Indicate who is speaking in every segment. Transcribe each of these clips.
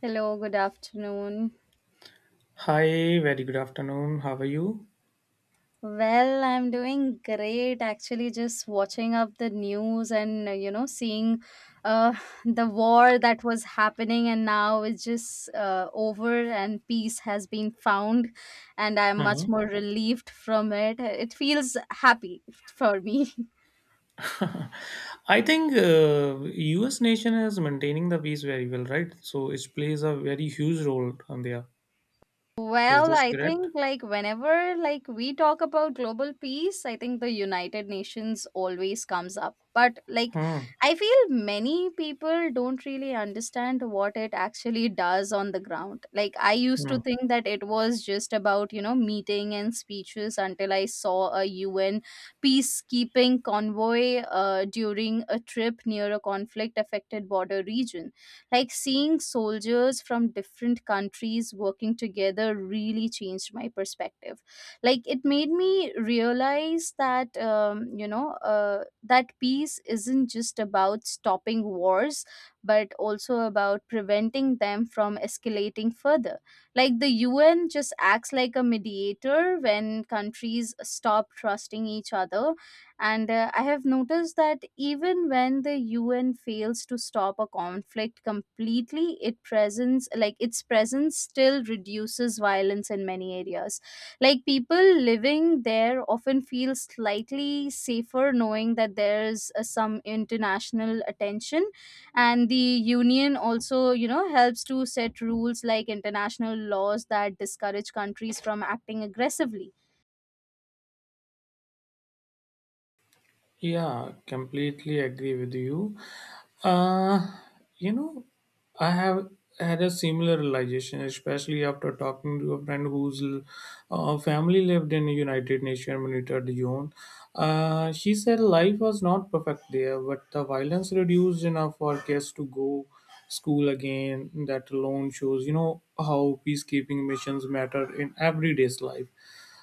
Speaker 1: Hello, good afternoon.
Speaker 2: Hi, very good afternoon. How are you?
Speaker 1: Well, I'm doing great actually, just watching up the news and you know, seeing uh, the war that was happening and now it's just over and peace has been found, and I'm much
Speaker 2: Hmm.
Speaker 1: more relieved from it. It feels happy for me.
Speaker 2: I think U.S. nation is maintaining the peace very well, right? So it plays a very huge role on there. Is
Speaker 1: Well,
Speaker 2: this
Speaker 1: I
Speaker 2: correct?
Speaker 1: think like whenever like we talk about global peace, I think the United Nations always comes up. But like
Speaker 2: Hmm.
Speaker 1: I feel many people don't really understand what it actually does on the ground. Like I used to
Speaker 2: Hmm.
Speaker 1: think that it was just about, you know, meeting and speeches until I saw a UN peacekeeping convoy during a trip near a conflict affected border region. Like seeing soldiers from different countries working together really changed my perspective. Like it made me realize that, you know, that peace isn't just about stopping wars, but also about preventing them from escalating further. Like the UN just acts like a mediator when countries stop trusting each other. And I have noticed that even when the UN fails to stop a conflict completely, it presence, like its presence, still reduces violence in many areas. Like people living there often feel slightly safer knowing that there's some international attention, and the union also, you know, helps to set rules like international laws that discourage countries from acting aggressively.
Speaker 2: Yeah, completely agree with you. Uh, you know, I have had a similar realization, especially after talking to a friend whose family lived in United Nations monitored zone. She said life was not perfect there, but the violence reduced enough for kids to go school again. That alone shows, how peacekeeping missions matter in everyday's life.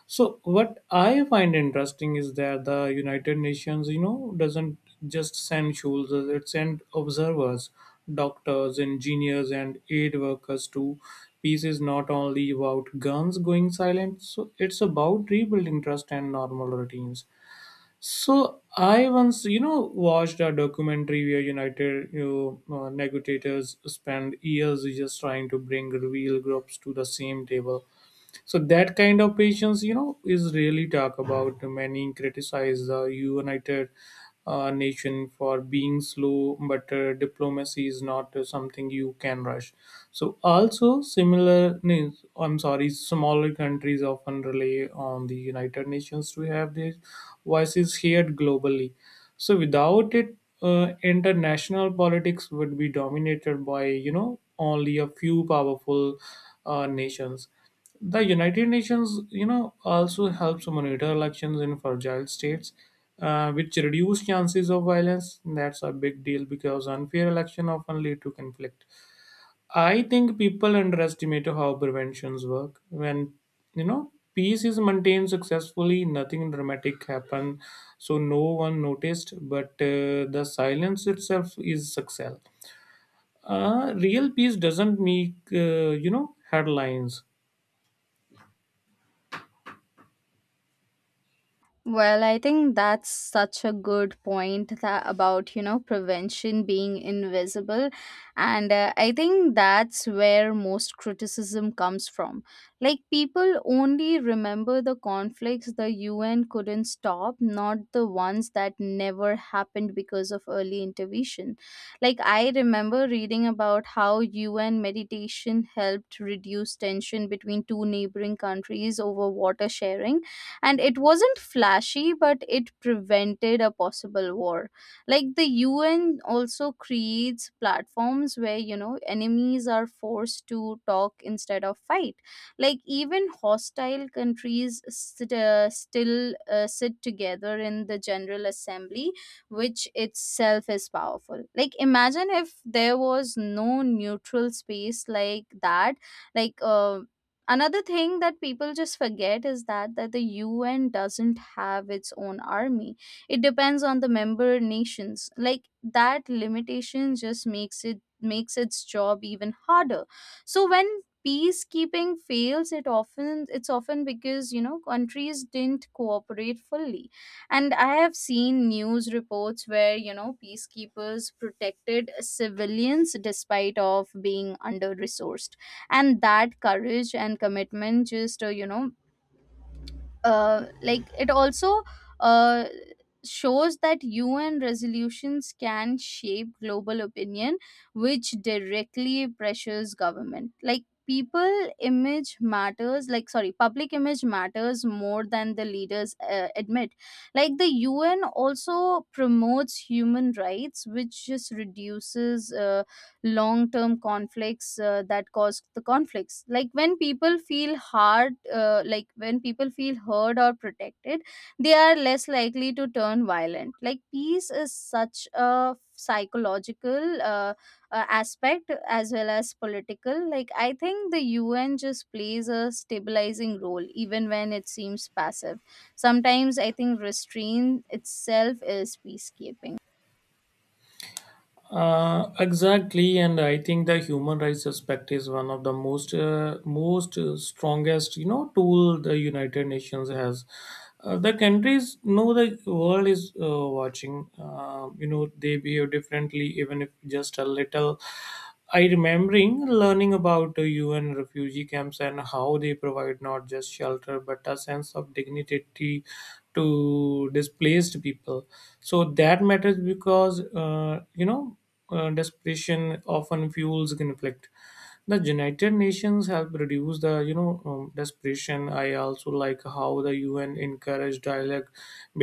Speaker 2: So what I find interesting is that the United Nations doesn't just send soldiers; it sends observers, doctors, engineers, and aid workers to peace is not only about guns going silent, so it's about rebuilding trust and normal routines. So I once watched a documentary where negotiators spend years just trying to bring real groups to the same table, so that kind of patience is really talk about. Many criticize the United Nation for being slow, but diplomacy is not something you can rush. So also similar, no, I'm sorry, smaller countries often rely on the United Nations to have their voices heard globally. So without it, international politics would be dominated by only a few powerful nations. The United Nations also helps monitor elections in fragile states, which reduce chances of violence. That's a big deal because unfair election often lead to conflict. I think people underestimate how preventions work. When peace is maintained successfully, nothing dramatic happen, so no one noticed. But the silence itself is success. Real peace doesn't make headlines.
Speaker 1: Well, I think that's such a good point, that about, you know, prevention being invisible. And I think that's where most criticism comes from. Like, people only remember the conflicts the UN couldn't stop, not the ones that never happened because of early intervention. Like, I remember reading about how UN mediation helped reduce tension between two neighboring countries over water sharing, and it wasn't flashy but it prevented a possible war. Like the UN also creates platforms where, you know, enemies are forced to talk instead of fight. Like even hostile countries sit, still sit together in the general assembly, which itself is powerful. Like, imagine if there was no neutral space like that. like uh, Another thing that people just forget is that the UN doesn't have its own army. It depends on the member nations. Like that limitation just makes it, makes its job even harder. So when peacekeeping fails, it often, it's often because, you know, countries didn't cooperate fully. And I have seen news reports where, you know, peacekeepers protected civilians despite of being under resourced, and that courage and commitment just it also uh, shows that UN resolutions can shape global opinion, which directly pressures government. Like people image matters, like, sorry, public image matters more than the leaders admit. Like the UN also promotes human rights, which just reduces long term conflicts that cause the conflicts. Like when people feel hard, like when people feel heard or protected, they are less likely to turn violent. Like peace is such a psychological aspect as well as political. Like I think the UN just plays a stabilizing role even when it seems passive. Sometimes I think restraint itself is peacekeeping.
Speaker 2: Exactly, and I think the human rights aspect is one of the most most strongest tool the United Nations has. The countries know the world is watching. They behave differently, even if just a little. I remembering learning about the UN refugee camps and how they provide not just shelter but a sense of dignity to displaced people. So that matters because desperation often fuels conflict. The United Nations help reduce the desperation. I also like how the UN encourage dialogue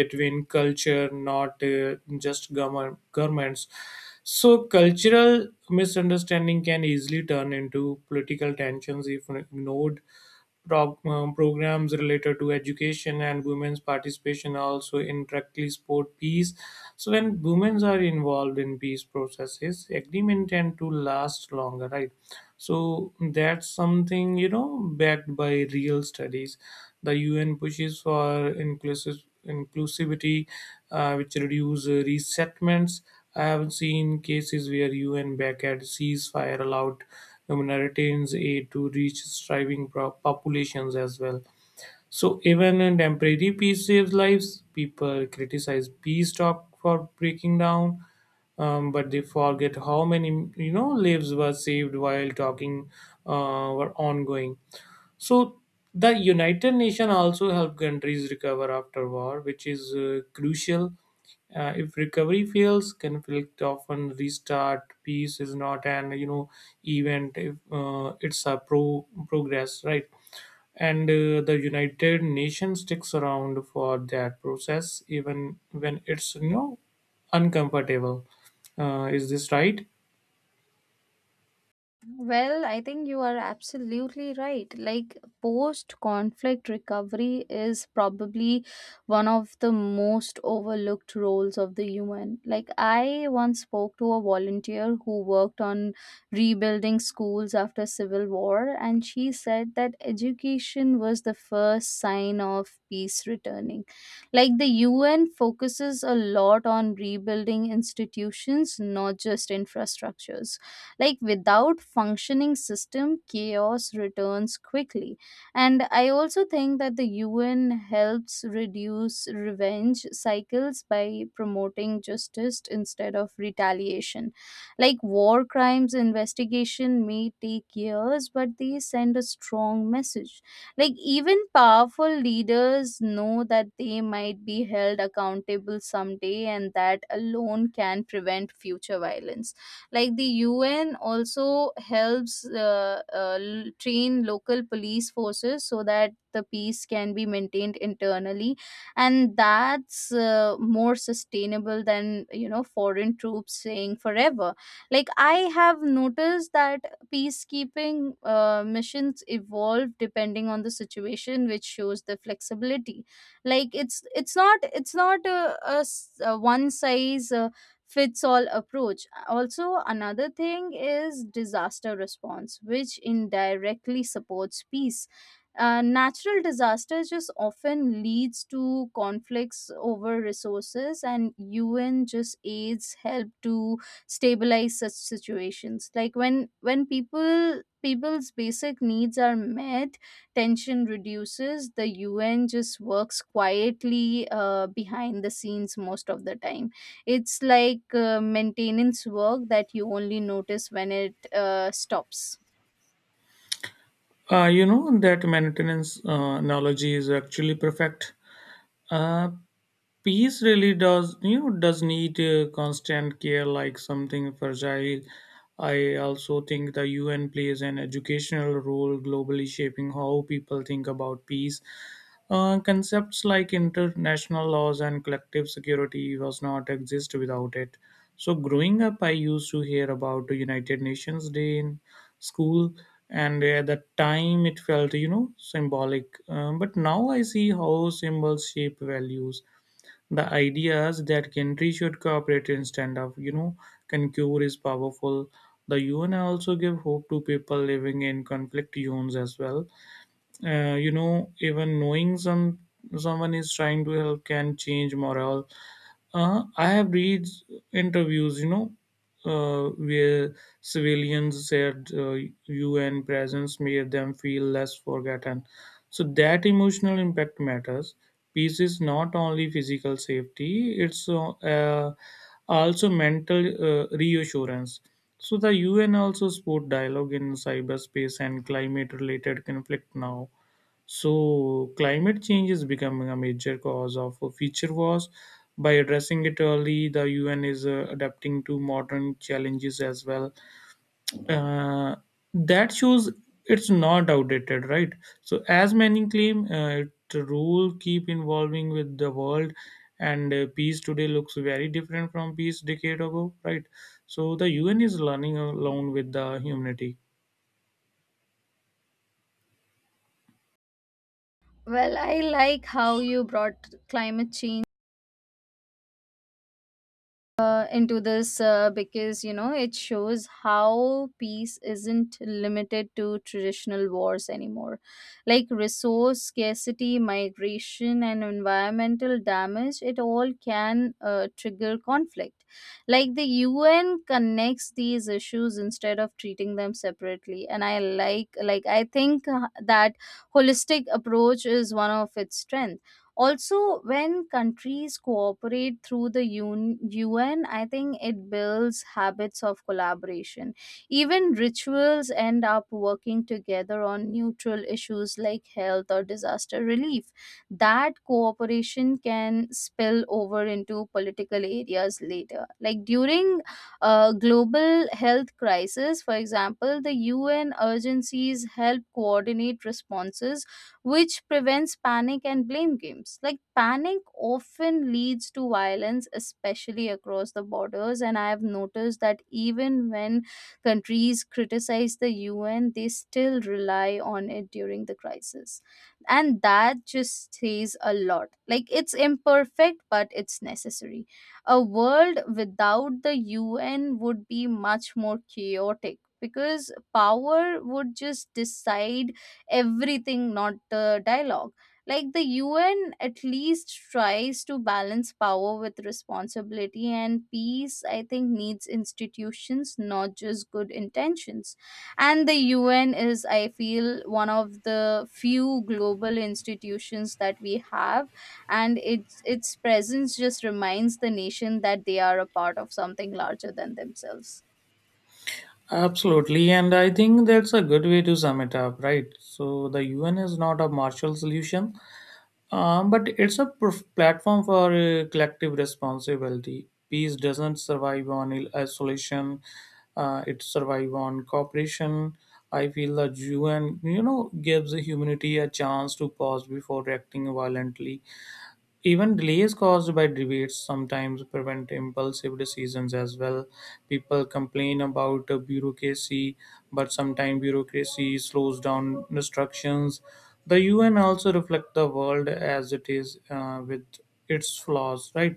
Speaker 2: between culture, not just governments, so cultural misunderstanding can easily turn into political tensions if ignored. Programs related to education and women's participation are also indirectly support peace. So when women are involved in peace processes, agreement tend to last longer, right? So that's something backed by real studies. The UN pushes for inclusive inclusivity, which reduce resettlements. I have seen cases where UN backed ceasefire allowed humanitarian aid to reach striving populations as well. So even in temporary peace saves lives. People criticize peace talk for breaking down, but they forget how many lives were saved while talking were ongoing. So the United Nations also help countries recover after war, which is crucial. If recovery fails, conflict often restart. Peace is not an event; if, it's a progress, right? And the United Nations sticks around for that process, even when it's uncomfortable. Is this right?
Speaker 1: Well, I think you are absolutely right. Like, post conflict recovery is probably one of the most overlooked roles of the UN. Like, I once spoke to a volunteer who worked on rebuilding schools after civil war, and she said that education was the first sign of peace returning. Like, the UN focuses a lot on rebuilding institutions, not just infrastructures. Like without functioning system, chaos returns quickly. And I also think that the UN helps reduce revenge cycles by promoting justice instead of retaliation. Like war crimes investigation may take years, but they send a strong message. Like even powerful leaders know that they might be held accountable someday, and that alone can prevent future violence. Like the UN also helps train local police forces so that the peace can be maintained internally, and that's more sustainable than, you know, foreign troops staying forever. Like I have noticed that peacekeeping missions evolve depending on the situation, which shows the flexibility. Like it's not a one size fits all approach. Also, another thing is disaster response, which indirectly supports peace. Natural disasters just often leads to conflicts over resources, and UN just aids help to stabilize such situations. Like when people's basic needs are met, tension reduces. The UN just works quietly behind the scenes most of the time. It's like maintenance work that you only notice when it stops.
Speaker 2: That maintenance analogy is actually perfect. Uh, Peace really does you know does need constant care, like something fragile. I also think the UN plays an educational role globally, shaping how people think about peace. Concepts like international laws and collective security was not exist without it. So growing up, I used to hear about the United Nations day in school, and at that time it felt symbolic. But now I see how symbols shape values. The ideas that countries should cooperate instead of concur is powerful. The UN also give hope to people living in conflict zones as well. Even knowing someone is trying to help can change morale. I have read interviews, where civilians said UN presence made them feel less forgotten. So that emotional impact matters. Peace is not only physical safety; it's also mental reassurance. So the UN also support dialogue in cyberspace and climate-related conflict now. So, climate change is becoming a major cause of future wars. By addressing it early, the UN is adapting to modern challenges as well. Uh, that shows it's not outdated, right? So, as many claim, it rule keep evolving with the world, and peace today looks very different from peace decade ago, right? So, the UN is learning along with the humanity.
Speaker 1: Well, I like how you brought climate change into this because, you know, it shows how peace isn't limited to traditional wars anymore. Like resource scarcity, migration and environmental damage, it all can trigger conflict. Like the UN connects these issues instead of treating them separately, and I like I think that holistic approach is one of its strengths. Also, when countries cooperate through the UN, I think it builds habits of collaboration. Even rituals end up working together on neutral issues like health or disaster relief. That cooperation can spill over into political areas later. Like during a global health crisis, for example, the UN urgencies help coordinate responses, which prevents panic and blame games. Like panic often leads to violence, especially across the borders. And I have noticed that even when countries criticize the UN, they still rely on it during the crisis. And that just says a lot. Like it's imperfect, but it's necessary. A world without the UN would be much more chaotic because power would just decide everything, not dialogue. Like the UN at least tries to balance power with responsibility, and peace, I think, needs institutions, not just good intentions. And the UN is, I feel, one of the few global institutions that we have, and its presence just reminds the nation that they are a part of something larger than themselves.
Speaker 2: Absolutely, and I think that's a good way to sum it up, right? So the UN is not a martial solution, but it's a platform for collective responsibility. Peace doesn't survive on isolation; it survives on cooperation. I feel the UN gives humanity a chance to pause before acting violently. Even delays caused by debates sometimes prevent impulsive decisions as well. People complain about bureaucracy, but sometimes bureaucracy slows down instructions. The UN also reflects the world as it is, with its flaws, right?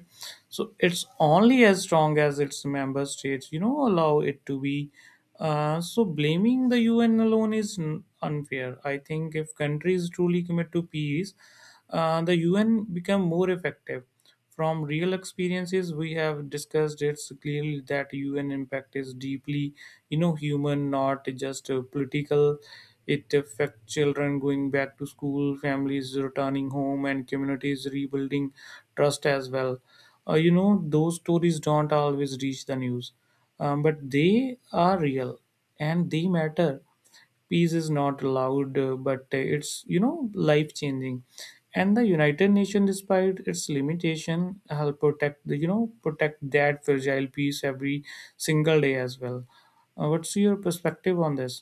Speaker 2: So it's only as strong as its member states, allow it to be. So blaming the UN alone is unfair. I think if countries truly commit to peace, the UN become more effective. From real experiences, we have discussed it's clearly that UN impact is deeply, human, not just political. It affects children going back to school, families returning home, and communities rebuilding trust as well. Those stories don't always reach the news, but they are real and they matter. Peace is not allowed but it's life changing, and the United Nations, despite its limitation, help protect the you know protect that fragile peace every single day as well. What's your perspective on this?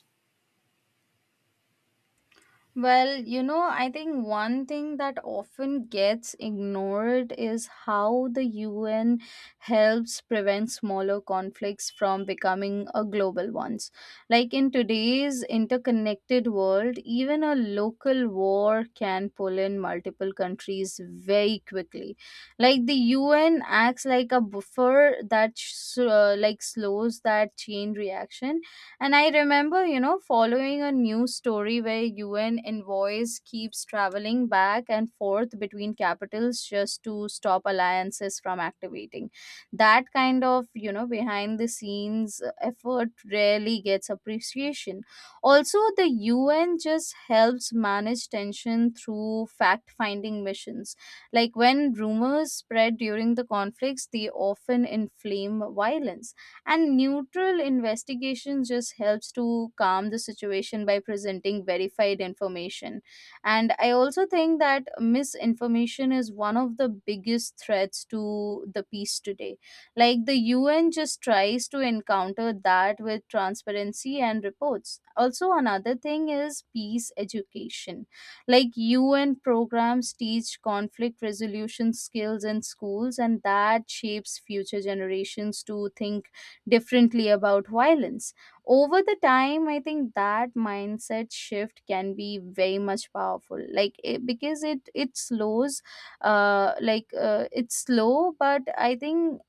Speaker 1: Well, you know, I think one thing that often gets ignored is how the UN helps prevent smaller conflicts from becoming a global ones. Like in today's interconnected world, even a local war can pull in multiple countries very quickly. Like the UN acts like a buffer that like slows that chain reaction. And I remember, you know, following a news story where UN envoys keeps traveling back and forth between capitals just to stop alliances from activating. That kind of, you know, behind the scenes effort rarely gets appreciation. Also, the UN just helps manage tension through fact-finding missions. Like when rumors spread during the conflicts, they often inflame violence, and neutral investigation just helps to calm the situation by presenting verified information. And I also think that misinformation is one of the biggest threats to the peace today. Like the UN just tries to encounter that with transparency and reports. Also, another thing is peace education. Like UN programs teach conflict resolution skills in schools, and that shapes future generations to think differently about violence. Over the time, I think that mindset shift can be very much powerful. Like it, because it slows, it's slow, but I think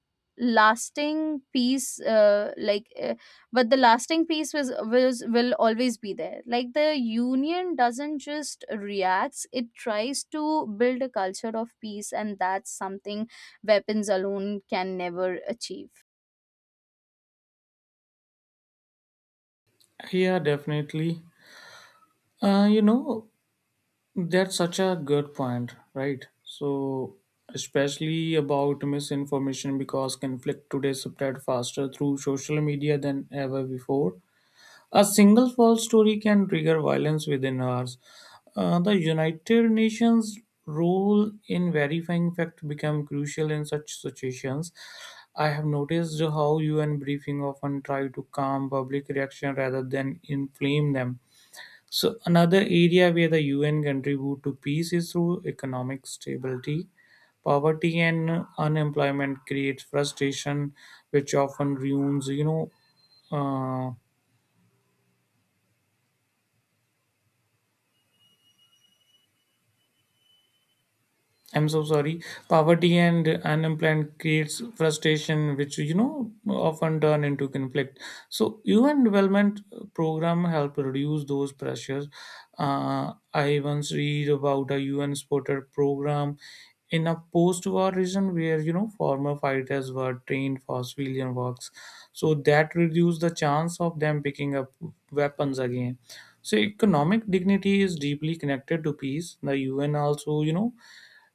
Speaker 1: lasting peace but the lasting peace was will always be there. Like the union doesn't just reacts, it tries to build a culture of peace, and that's something weapons alone can never achieve.
Speaker 2: Yeah, definitely. uh, you know that's such a good point, right? So especially about misinformation, because conflict today spread faster through social media than ever before. A single false story can trigger violence within hours. The United Nations role in verifying fact become crucial in such situations. I have noticed how UN briefing often try to calm public reaction rather than inflame them. So another area where the UN contribute to peace is through economic stability. Poverty and unemployment creates frustration, which often ruins, uh, I'm so sorry. Poverty and unemployment creates frustration, which often turn into conflict. So, UN development program help reduce those pressures. I once read about a UN supported program in a post-war region where former fighters were trained for civilian works, so that reduced the chance of them picking up weapons again. So, economic dignity is deeply connected to peace. The UN also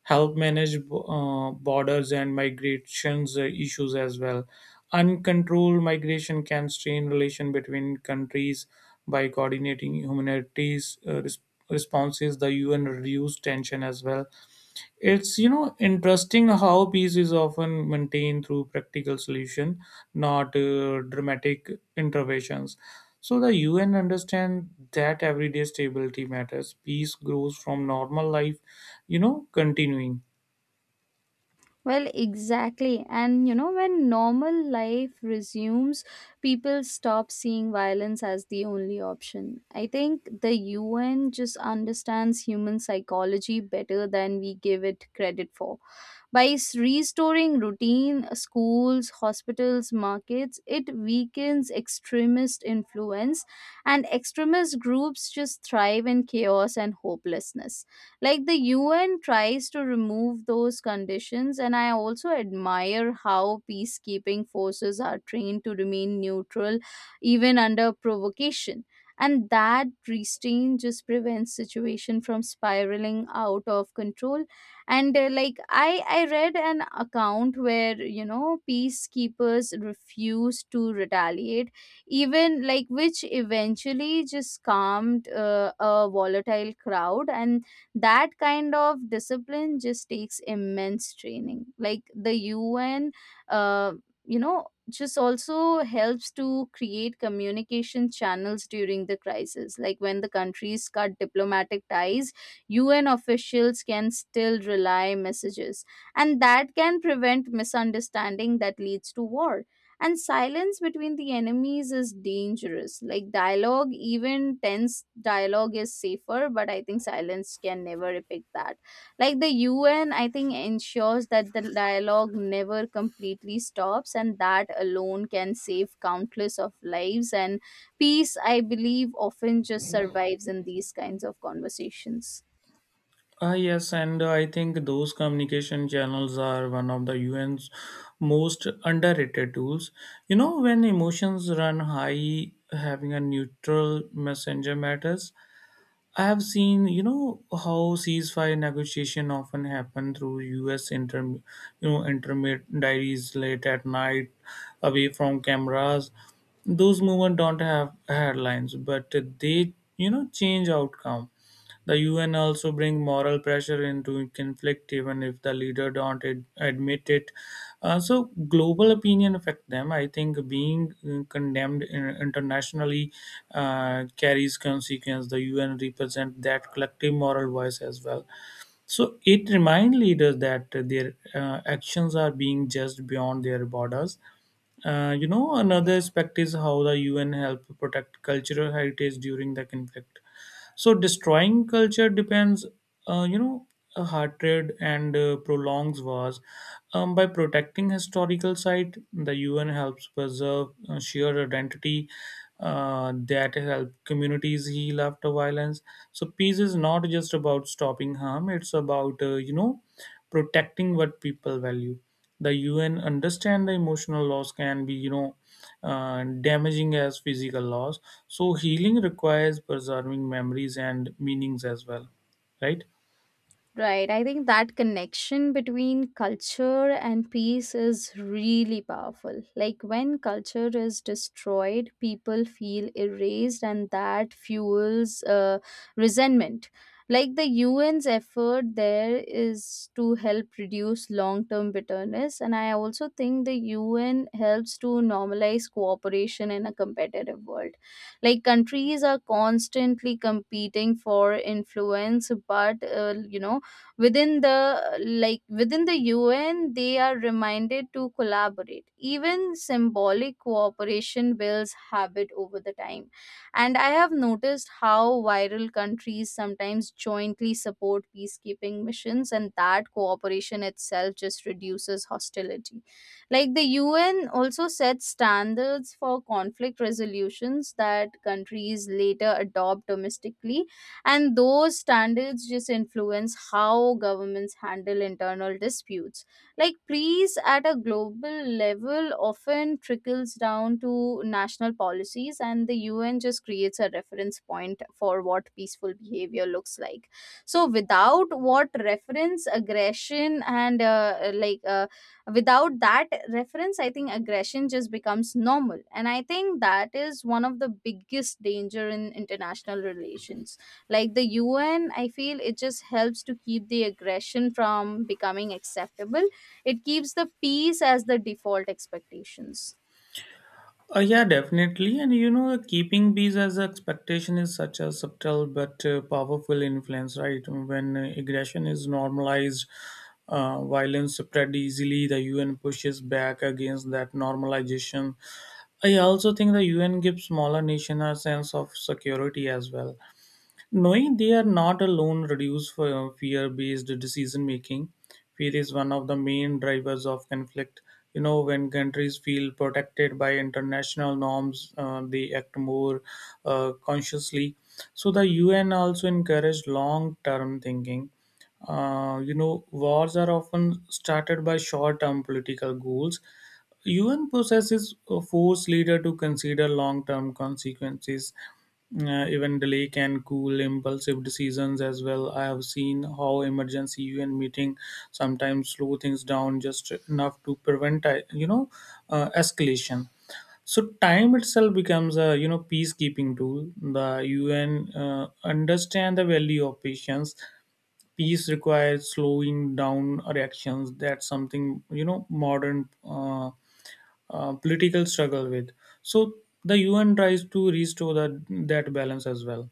Speaker 2: help manage borders and migrations issues as well. Uncontrolled migration can strain relation between countries by coordinating humanities responses. The UN reduced tension as well. It's interesting how peace is often maintained through practical solution, not dramatic interventions. So the UN understand that everyday stability matters. Peace grows from normal life, continuing.
Speaker 1: Well, exactly. And you know, when normal life resumes, people stop seeing violence as the only option. I think the UN just understands human psychology better than we give it credit for. By restoring routine, schools, hospitals, markets, it weakens extremist influence, and extremist groups just thrive in chaos and hopelessness. Like the UN tries to remove those conditions, and I also admire how peacekeeping forces are trained to remain neutral even under provocation. And that restraint just prevents situation from spiraling out of control. And like I read an account where, you know, peacekeepers refused to retaliate, even like, which eventually just calmed a volatile crowd. And that kind of discipline just takes immense training. Like the UN uh, you know, just also helps to create communication channels during the crisis. Like when the countries cut diplomatic ties, UN officials can still rely messages, and that can prevent misunderstanding that leads to war. And silence between the enemies is dangerous. Like dialogue, even tense dialogue, is safer, but I think silence can never depict that. Like the UN, I think, ensures that the dialogue never completely stops, and that alone can save countless of lives. And peace, I believe, often just survives in these kinds of conversations.
Speaker 2: Ah, yes, and I think those communication channels are one of the UN's most underrated tools. When emotions run high, having a neutral messenger matters. I have seen, how ceasefire negotiation often happen through U.S. Intermediaries diaries late at night, away from cameras. Those movement don't have headlines, but they change outcome. The UN also bring moral pressure into conflict, even if the leader don't admit it. So global opinion affect them. I think being condemned internationally carries consequence. The UN represent that collective moral voice as well. So it reminds leaders that their actions are being judged beyond their borders. Another aspect is how the UN help protect cultural heritage during the conflict, so destroying culture depends, uh, you know, a hatred and prolongs wars. By protecting historical site, the UN helps preserve shared identity that help communities heal after violence. So peace is not just about stopping harm; it's about protecting what people value. The UN understand the emotional loss can be, damaging as physical loss. So healing requires preserving memories and meanings as well, right?
Speaker 1: Right. I think that connection between culture and peace is really powerful. Like when culture is destroyed, people feel erased, and that fuels resentment. Like the UN's effort there is to help reduce long term bitterness. And I also think the UN helps to normalize cooperation in a competitive world, like countries are constantly competing for influence, but within the like within the UN they are reminded to collaborate. Even symbolic cooperation builds habit over the time. And I have noticed how viral countries sometimes jointly support peacekeeping missions, and that cooperation itself just reduces hostility. Like the UN also sets standards for conflict resolutions that countries later adopt domestically, and those standards just influence how governments handle internal disputes. Like peace at a global level often trickles down to national policies, and the un just creates a reference point for what peaceful behavior looks like. So without what reference aggression and like without that reference, I think aggression just becomes normal. And I think that is one of the biggest danger in international relations. Like the UN, I feel it just helps to keep the aggression from becoming acceptable. It keeps the peace as the default expectations.
Speaker 2: Yeah, definitely. And keeping these as an expectation is such a subtle but powerful influence, right? When aggression is normalized, violence spread easily. The UN pushes back against that normalization. I also think the UN gives smaller nation a sense of security as well. Knowing they are not alone reduces fear based decision making. Fear is one of the main drivers of conflict. When countries feel protected by international norms, they act more consciously. So, the UN also encourage long term thinking. Wars are often started by short term political goals. UN processes force leader to consider long-term consequences. Even delay can cool impulsive decisions as well. I have seen how emergency UN meeting sometimes slow things down just enough to prevent, escalation. So time itself becomes a peacekeeping tool. The UN understand the value of patience. Peace requires slowing down reactions. That's something modern political struggle with. So the UN tries to restore that balance as well.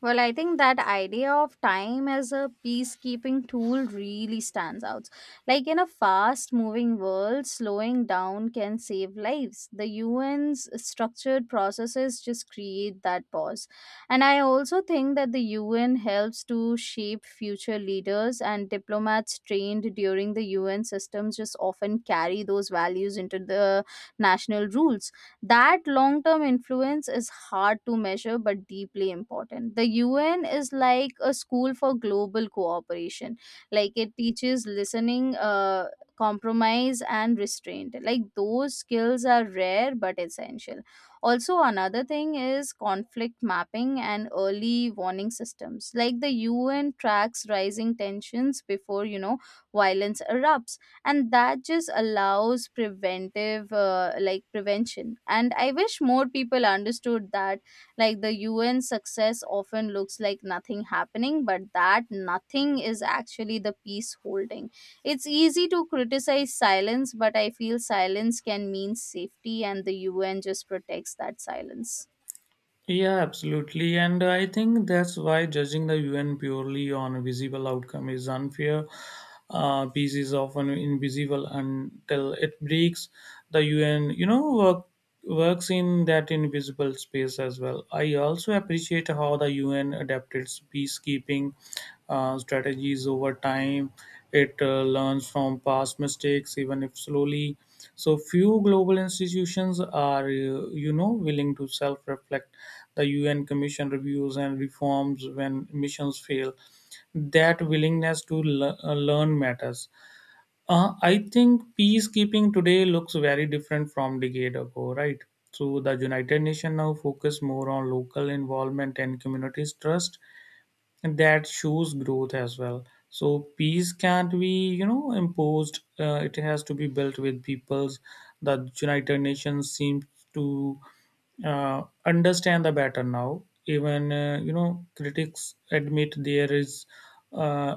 Speaker 1: Well, I think that idea of time as a peacekeeping tool really stands out. Like in a fast moving world, slowing down can save lives. The UN's structured processes just create that pause. And I also think that the UN helps to shape future leaders, and diplomats trained during the UN systems just often carry those values into the national rules. That long term influence is hard to measure but deeply important. The UN is like a school for global cooperation. Like it teaches listening, compromise, and restraint. Like those skills are rare but essential. Also, another thing is conflict mapping and early warning systems. Like the UN tracks rising tensions before, you know, violence erupts, and that just allows preventive prevention. And I wish more people understood that. Like the un success often looks like nothing happening, but that nothing is actually the peace holding. It's easy to criticize silence, but I feel silence can mean safety, and the un just protects that silence.
Speaker 2: Yeah, absolutely. And I think that's why judging the UN purely on a visible outcome is unfair. Peace is often invisible until it breaks. The UN works in that invisible space as well. I also appreciate how the UN adapted its peacekeeping strategies over time. It learns from past mistakes, even if slowly. So few global institutions are, willing to self-reflect. The UN Commission reviews and reforms when missions fail. That willingness to learn matters. I think peacekeeping today looks very different from decade ago, right? So the United Nations now focus more on local involvement and communities' trust. That shows growth as well. So peace can't be imposed. It has to be built with peoples. The United Nations seems to understand the better now. Even critics admit there is uh,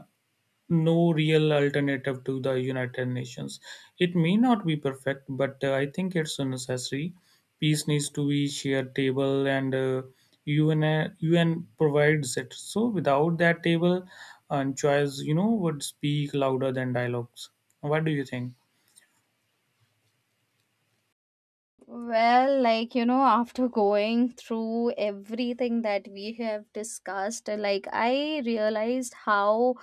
Speaker 2: no real alternative to the United Nations. It may not be perfect, but I think it's necessary. Peace needs to be shared table, and UN provides it. So without that table, and choice, would speak louder than dialogues. What do you think?
Speaker 1: Well, like, you know, after going through everything that we have discussed, like, I realized how,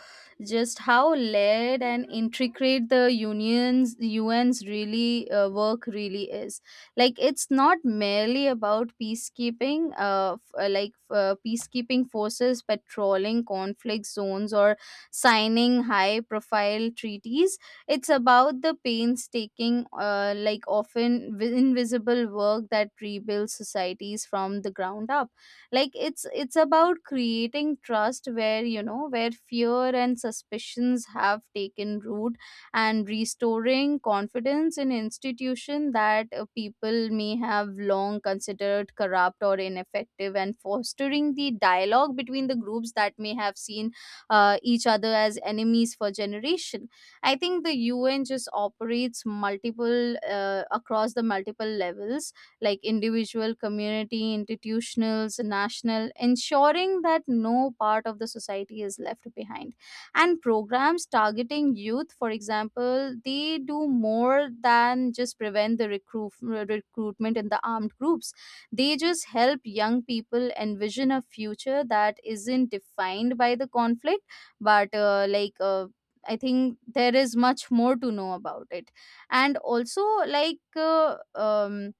Speaker 1: just how layered and intricate the unions, UN's really work really is. Like, it's not merely about peacekeeping, peacekeeping forces patrolling conflict zones or signing high profile treaties. It's about the painstaking, like often invisible work that rebuilds societies from the ground up. Like it's about creating trust where, you know, where fear and suspicions have taken root, and restoring confidence in institution that people may have long considered corrupt or ineffective, and fostering the dialogue between the groups that may have seen each other as enemies for generations. I think the UN just operates multiple across the multiple levels, like individual, community, institutionals, national, ensuring that no part of the society is left behind. And programs targeting youth, for example, they do more than just prevent recruitment in the armed groups. They just help young people envision a future that isn't defined by the conflict, but I think there is much more to know about it. And also, like uh, um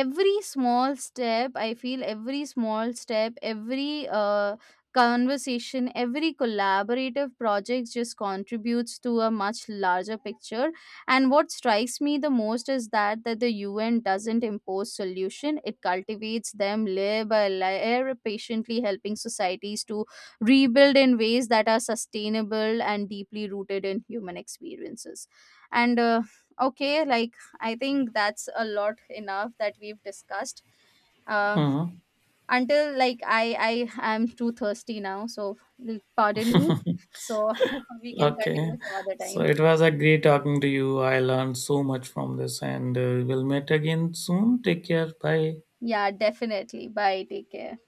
Speaker 1: every small step, I feel, every small step every conversation, every collaborative project just contributes to a much larger picture. And what strikes me the most is that the un doesn't impose solution, it cultivates them layer by layer, patiently helping societies to rebuild in ways that are sustainable and deeply rooted in human experiences. And okay like I think that's a lot enough that we've discussed. Uh,
Speaker 2: Hmm.
Speaker 1: until like I am too thirsty now, so pardon me. So we can
Speaker 2: Okay.
Speaker 1: continue some other
Speaker 2: So
Speaker 1: time.
Speaker 2: it was a great talking to you. I learned so much from this, and we'll meet again soon. Take care. Bye.
Speaker 1: Yeah, definitely. Bye. Take care.